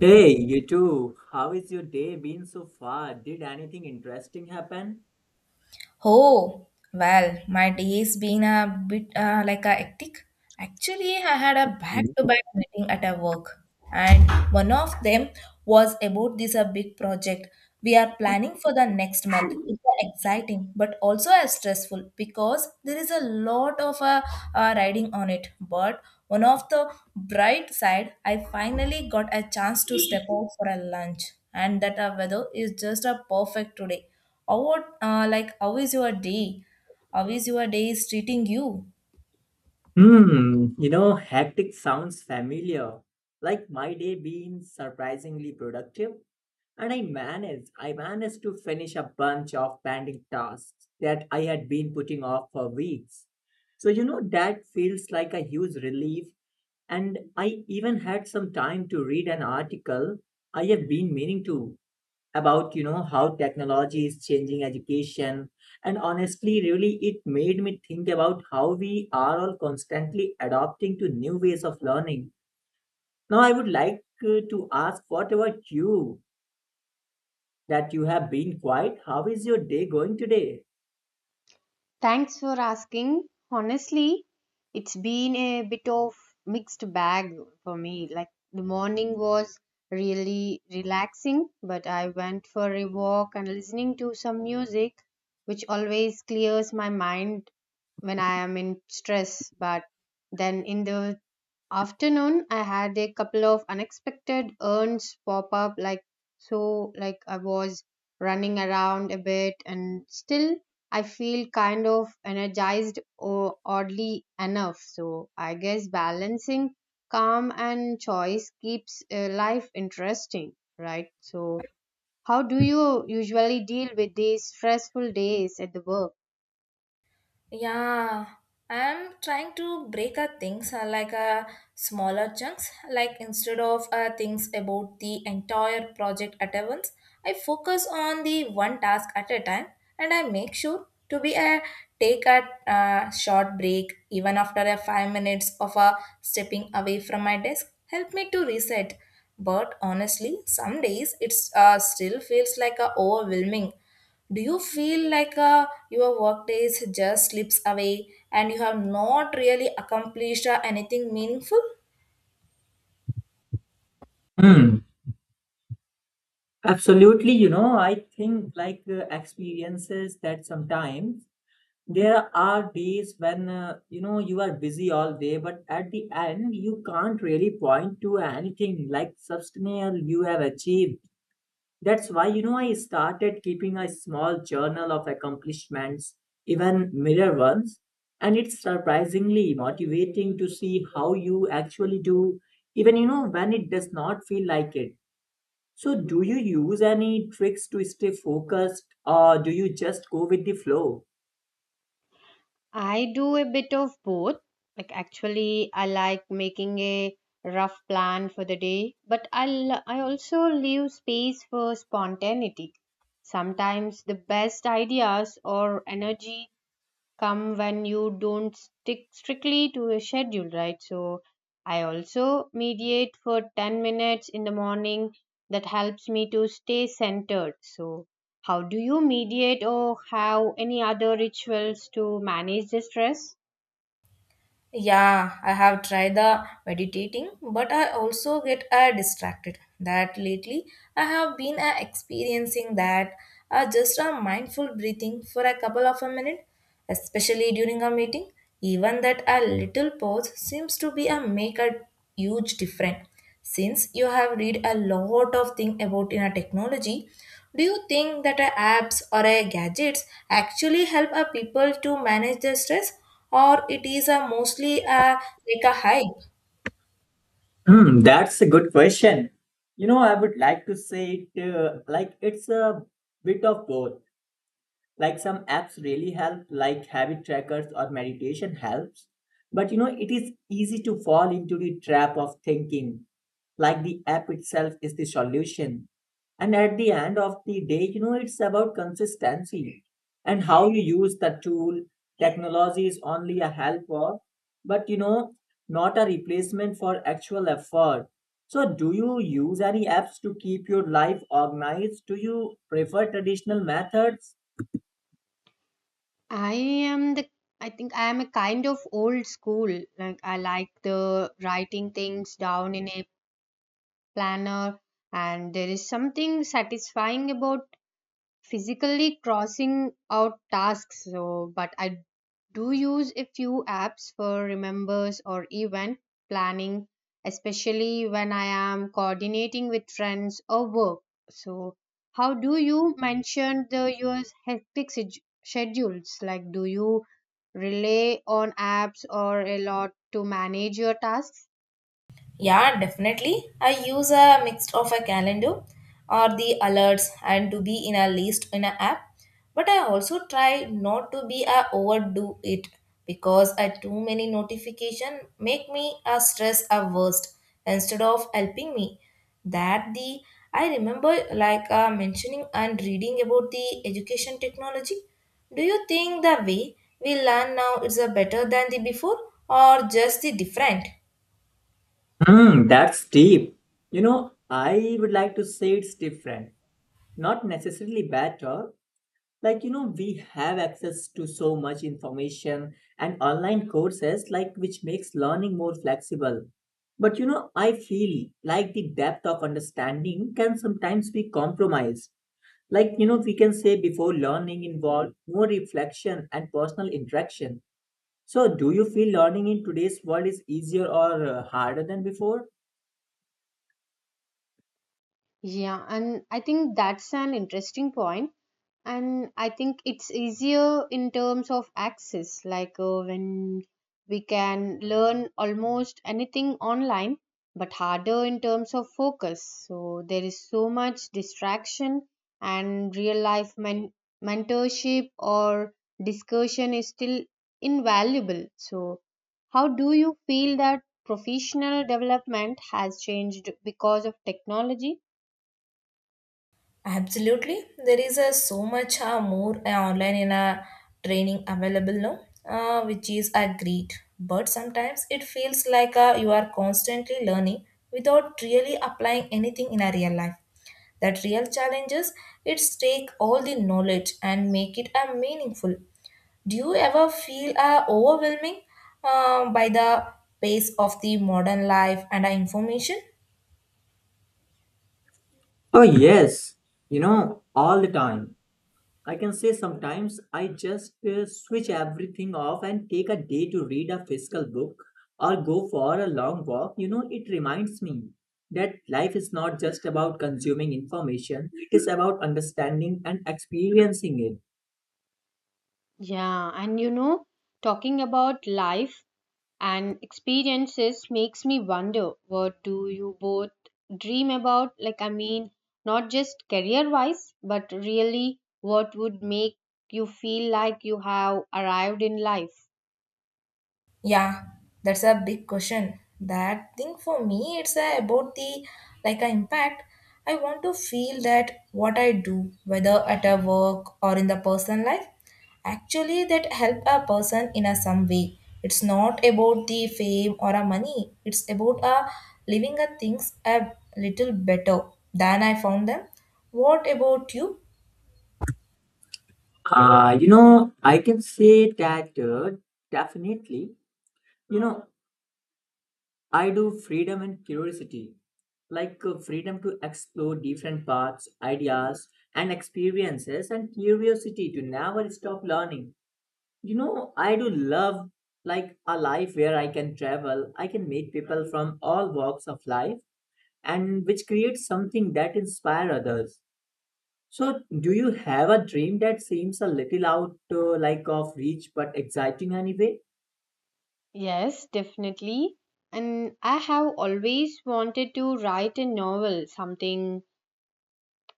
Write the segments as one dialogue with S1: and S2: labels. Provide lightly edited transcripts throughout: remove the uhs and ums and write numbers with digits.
S1: Hey, you too. How is your day been so far? Did anything interesting happen?
S2: Oh, well, my day's been a bit like a hectic. Actually, I had a
S1: Mm.
S2: back-to-back meeting at a work, and one of them was about this a big project we are planning for the next month. It's exciting, but also as stressful because there is a lot of riding on it. But one of the bright side, I finally got a chance to step out for a lunch, and that weather is just a perfect today. Or what, how is your day? How is your day is treating you?
S1: You know, hectic sounds familiar. Like my day been surprisingly productive, and I managed to finish a bunch of pending tasks that I had been putting off for weeks. So, you know, that feels like a huge relief, and I even had some time to read an article I have been meaning to about you know how technology is changing education, and honestly really it made me think about how we are all constantly adopting to new ways of learning. Now I would like to ask what about you, that you have been quiet. How is your day going today?
S3: Thanks for asking. Honestly, it's been a bit of mixed bag for me. Like the morning was really relaxing, but I went for a walk and listening to some music, which always clears my mind when I am in stress. But then in the afternoon I had a couple of unexpected errands pop up, like I was running around a bit and still I feel kind of energized or oddly enough, so I guess balancing calm and choice keeps life interesting, right? So how do you usually deal with these stressful days at the work?
S2: Yeah, I'm trying to break up things smaller chunks. Like instead of things about the entire project at once, I focus on the one task at a time, and I make sure to be a take a short break even after a 5 minutes of a stepping away from my desk. Help me to reset. But honestly, some days it's still feels like a overwhelming. Do you feel like your work days just slips away and you have not really accomplished anything meaningful?
S1: Hmm. Absolutely, you know, I think like experiences that sometimes. There are days when you know you are busy all day, but at the end you can't really point to anything like substantial you have achieved. That's why you know I started keeping a small journal of accomplishments, even mirror ones, and it's surprisingly motivating to see how you actually do, even you know when it does not feel like it. So, do you use any tricks to stay focused, or do you just go with the flow?
S3: I do a bit of both. Like actually I like making a rough plan for the day, but I also leave space for spontaneity. Sometimes the best ideas or energy come when you don't stick strictly to a schedule, right? So I also mediate for 10 minutes in the morning, that helps me to stay centered. So, how do you mediate or have any other rituals to manage the stress?
S2: Yeah, I have tried the meditating, but I also get distracted. That lately I have been experiencing that just a mindful breathing for a couple of a minute, especially during a meeting. Even that a little pause seems to be a make a huge difference. Since you have read a lot of things about in a technology, do you think that a apps or a gadgets actually help a people to manage their stress or it is a mostly a like a high?
S1: That's a good question. You know, I would like to say it like it's a bit of both. Like some apps really help, like habit trackers or meditation helps, but you know it is easy to fall into the trap of thinking like the app itself is the solution. And at the end of the day, you know, it's about consistency and how you use the tool. Technology is only a helper, but you know, not a replacement for actual effort. So do you use any apps to keep your life organized, do you prefer traditional methods?
S3: I am the I think I am a kind of old school. Like I like the writing things down in a planner, and there is something satisfying about physically crossing out tasks, so but I do use a few apps for remembers or event planning, especially when I am coordinating with friends or work. So how do you mention the your hectic schedules? Like, do you rely on apps or a lot to manage your tasks?
S2: Yeah, definitely. I use a mix of a calendar or the alerts and to be in a list in an app. But I also try not to be a overdo it because a too many notification make me a stress averse instead of helping me. That the I remember like mentioning and reading about the education technology. Do you think the way we learn now is a better than the before or just the different?
S1: That's deep. You know, I would like to say it's different. Not necessarily bad talk. Like, you know, we have access to so much information and online courses, like, which makes learning more flexible. But, you know, I feel like the depth of understanding can sometimes be compromised. Like, you know, we can say before learning involved more reflection and personal interaction. So, do you feel learning in today's world is easier or harder than before?
S3: Yeah, and I think that's an interesting point, and I think it's easier in terms of access, like when we can learn almost anything online, but harder in terms of focus. So there is so much distraction, and real life mentorship or discussion is still invaluable. So how do you feel that professional development has changed because of technology?
S2: Absolutely. There is a so much more online in a training available now, which is a great. But sometimes it feels like you are constantly learning without really applying anything in a real life. That real challenges, it's take all the knowledge and make it a meaningful. Do you ever feel overwhelming by the pace of the modern life and information?
S1: Oh, yes, you know, all the time. I can say sometimes I just switch everything off and take a day to read a physical book or go for a long walk. You know, it reminds me that life is not just about consuming information, it is about understanding and experiencing it.
S3: Yeah, and you know, talking about life and experiences makes me wonder, what do you both dream about? Like, I mean, not just career wise, but really what would make you feel like you have arrived in life?
S2: Yeah, that's a big question. That thing for me, it's about the like an impact. I want to feel that what I do, whether at a work or in the personal life, actually that help a person in a some way. It's not about the fame or a money. It's about a living a things a little better than I found them. What about you?
S1: You know, I can say that definitely. You know, I do freedom and curiosity, like freedom to explore different paths, ideas, and experiences, and curiosity to never stop learning. You know, I do love like a life where I can travel, I can meet people from all walks of life, and which creates something that inspire others. So, do you have a dream that seems a little out like of reach but exciting anyway?
S3: Yes, definitely. And I have always wanted to write a novel, something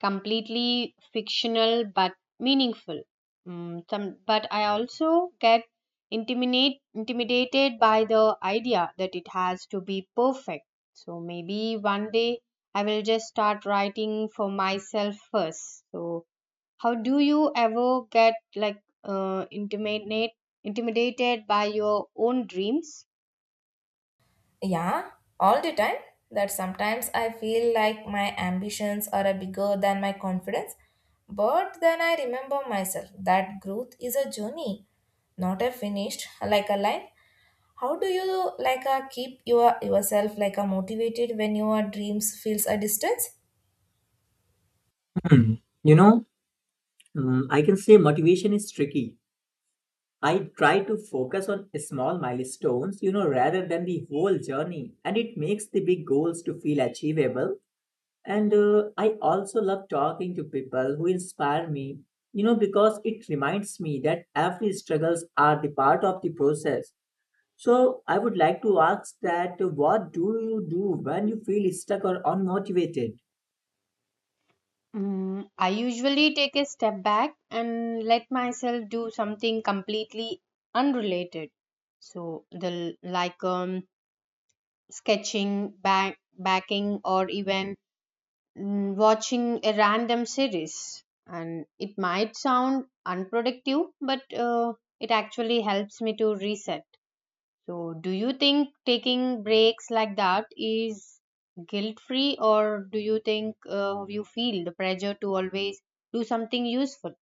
S3: completely fictional but meaningful. Mm, some, but I also get intimidated by the idea that it has to be perfect. So maybe one day I will just start writing for myself first. So how do you ever get like uh, intimidate, intimidated by your own dreams?
S2: Yeah, all the time. That sometimes I feel like my ambitions are a bigger than my confidence. But then I remember myself that growth is a journey, not a finished like a line. How do you like keep yourself like a motivated when your dreams feels a distance?
S1: Hmm, You know, I can say motivation is tricky. I try to focus on small milestones, you know, rather than the whole journey, and it makes the big goals to feel achievable. And I also love talking to people who inspire me, you know, because it reminds me that every struggles are the part of the process. So I would like to ask that what do you do when you feel stuck or unmotivated?
S3: Mm, I usually take a step back and let myself do something completely unrelated. So the like sketching, backing, or even watching a random series. And it might sound unproductive, but it actually helps me to reset. So, do you think taking breaks like that is guilt free, or do you think you feel the pressure to always do something useful?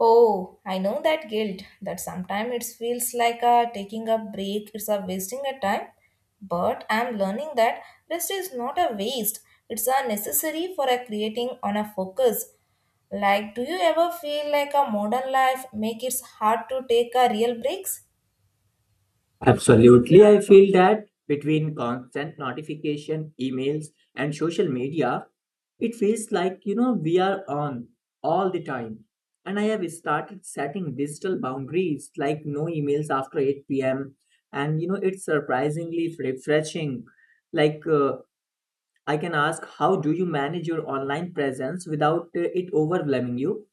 S2: Oh, I know that guilt that sometimes it feels like a taking a break, it's a wasting a time. But I'm learning that rest is not a waste, it's a necessary for a creating on a focus. Like do you ever feel like a modern life make it hard to take a real breaks?
S1: Absolutely, I feel that between constant notification, emails, and social media, it feels like you know we are on all the time. And I have started setting digital boundaries like no emails after 8 p.m. And you know, it's surprisingly refreshing. Like, I can ask, how do you manage your online presence without it overwhelming you?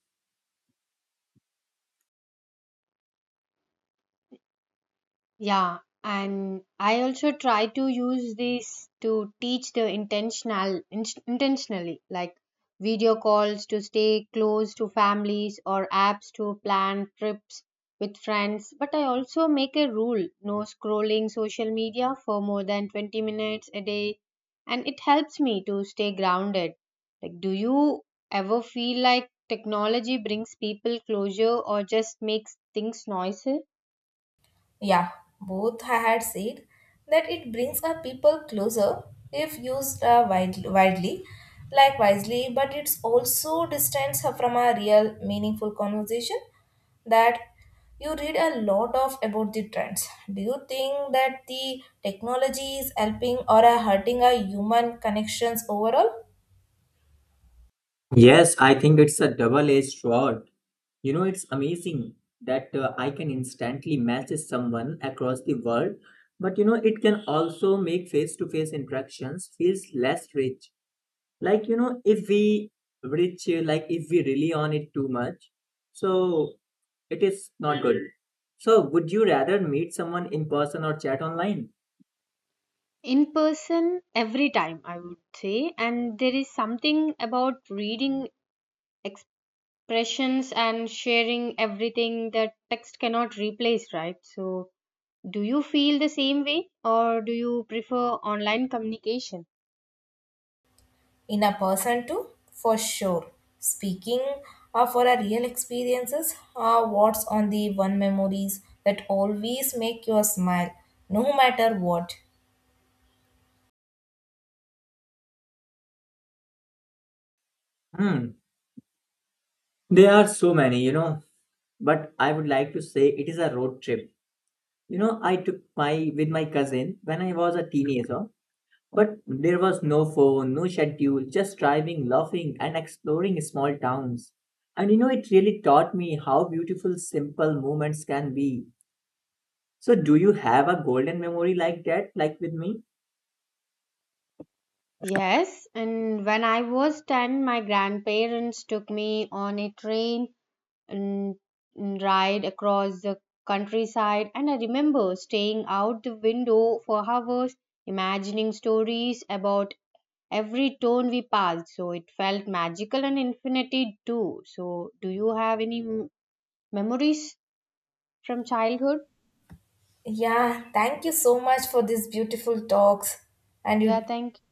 S3: Yeah, and I also try to use this to teach the intentionally, like video calls to stay close to families or apps to plan trips with friends. But I also make a rule, no scrolling social media for more than 20 minutes a day, and it helps me to stay grounded. Like, do you ever feel like technology brings people closure or just makes things noisy?
S2: Yeah, both I had said that it brings our people closer if used like wisely, but it's also distance her from a real meaningful conversation that you read a lot of about the trends. Do you think that the technology is helping or are hurting our human connections overall?
S1: Yes, I think it's a double edged sword. You know, it's amazing that I can instantly message someone across the world, but you know, it can also make face-to-face interactions feels less rich. Like, you know, if we rich, like if we rely on it too much, so it is not good. So, would you rather meet someone in person or chat online?
S3: In person, every time, I would say. And there is something about reading expressions and sharing everything that text cannot replace, right? So do you feel the same way, or do you prefer online communication?
S2: In a person too, for sure. Speaking for our real experiences, what's on the one memories that always make you smile no matter what?
S1: Hmm, there are so many, you know, but I would like to say it is a road trip. You know, I took my with my cousin when I was a teenager. But there was no phone, no schedule, just driving, laughing, and exploring small towns. And you know, it really taught me how beautiful simple moments can be. So, do you have a golden memory like that, like with me?
S3: Yes, and when I was 10, my grandparents took me on a train and ride across the countryside. And I remember staying out the window for hours, imagining stories about every town we passed. So it felt magical and infinity too. So, do you have any memories from childhood?
S2: Yeah, thank you so much for these beautiful talks and
S3: Yeah,
S2: you.
S3: thank you.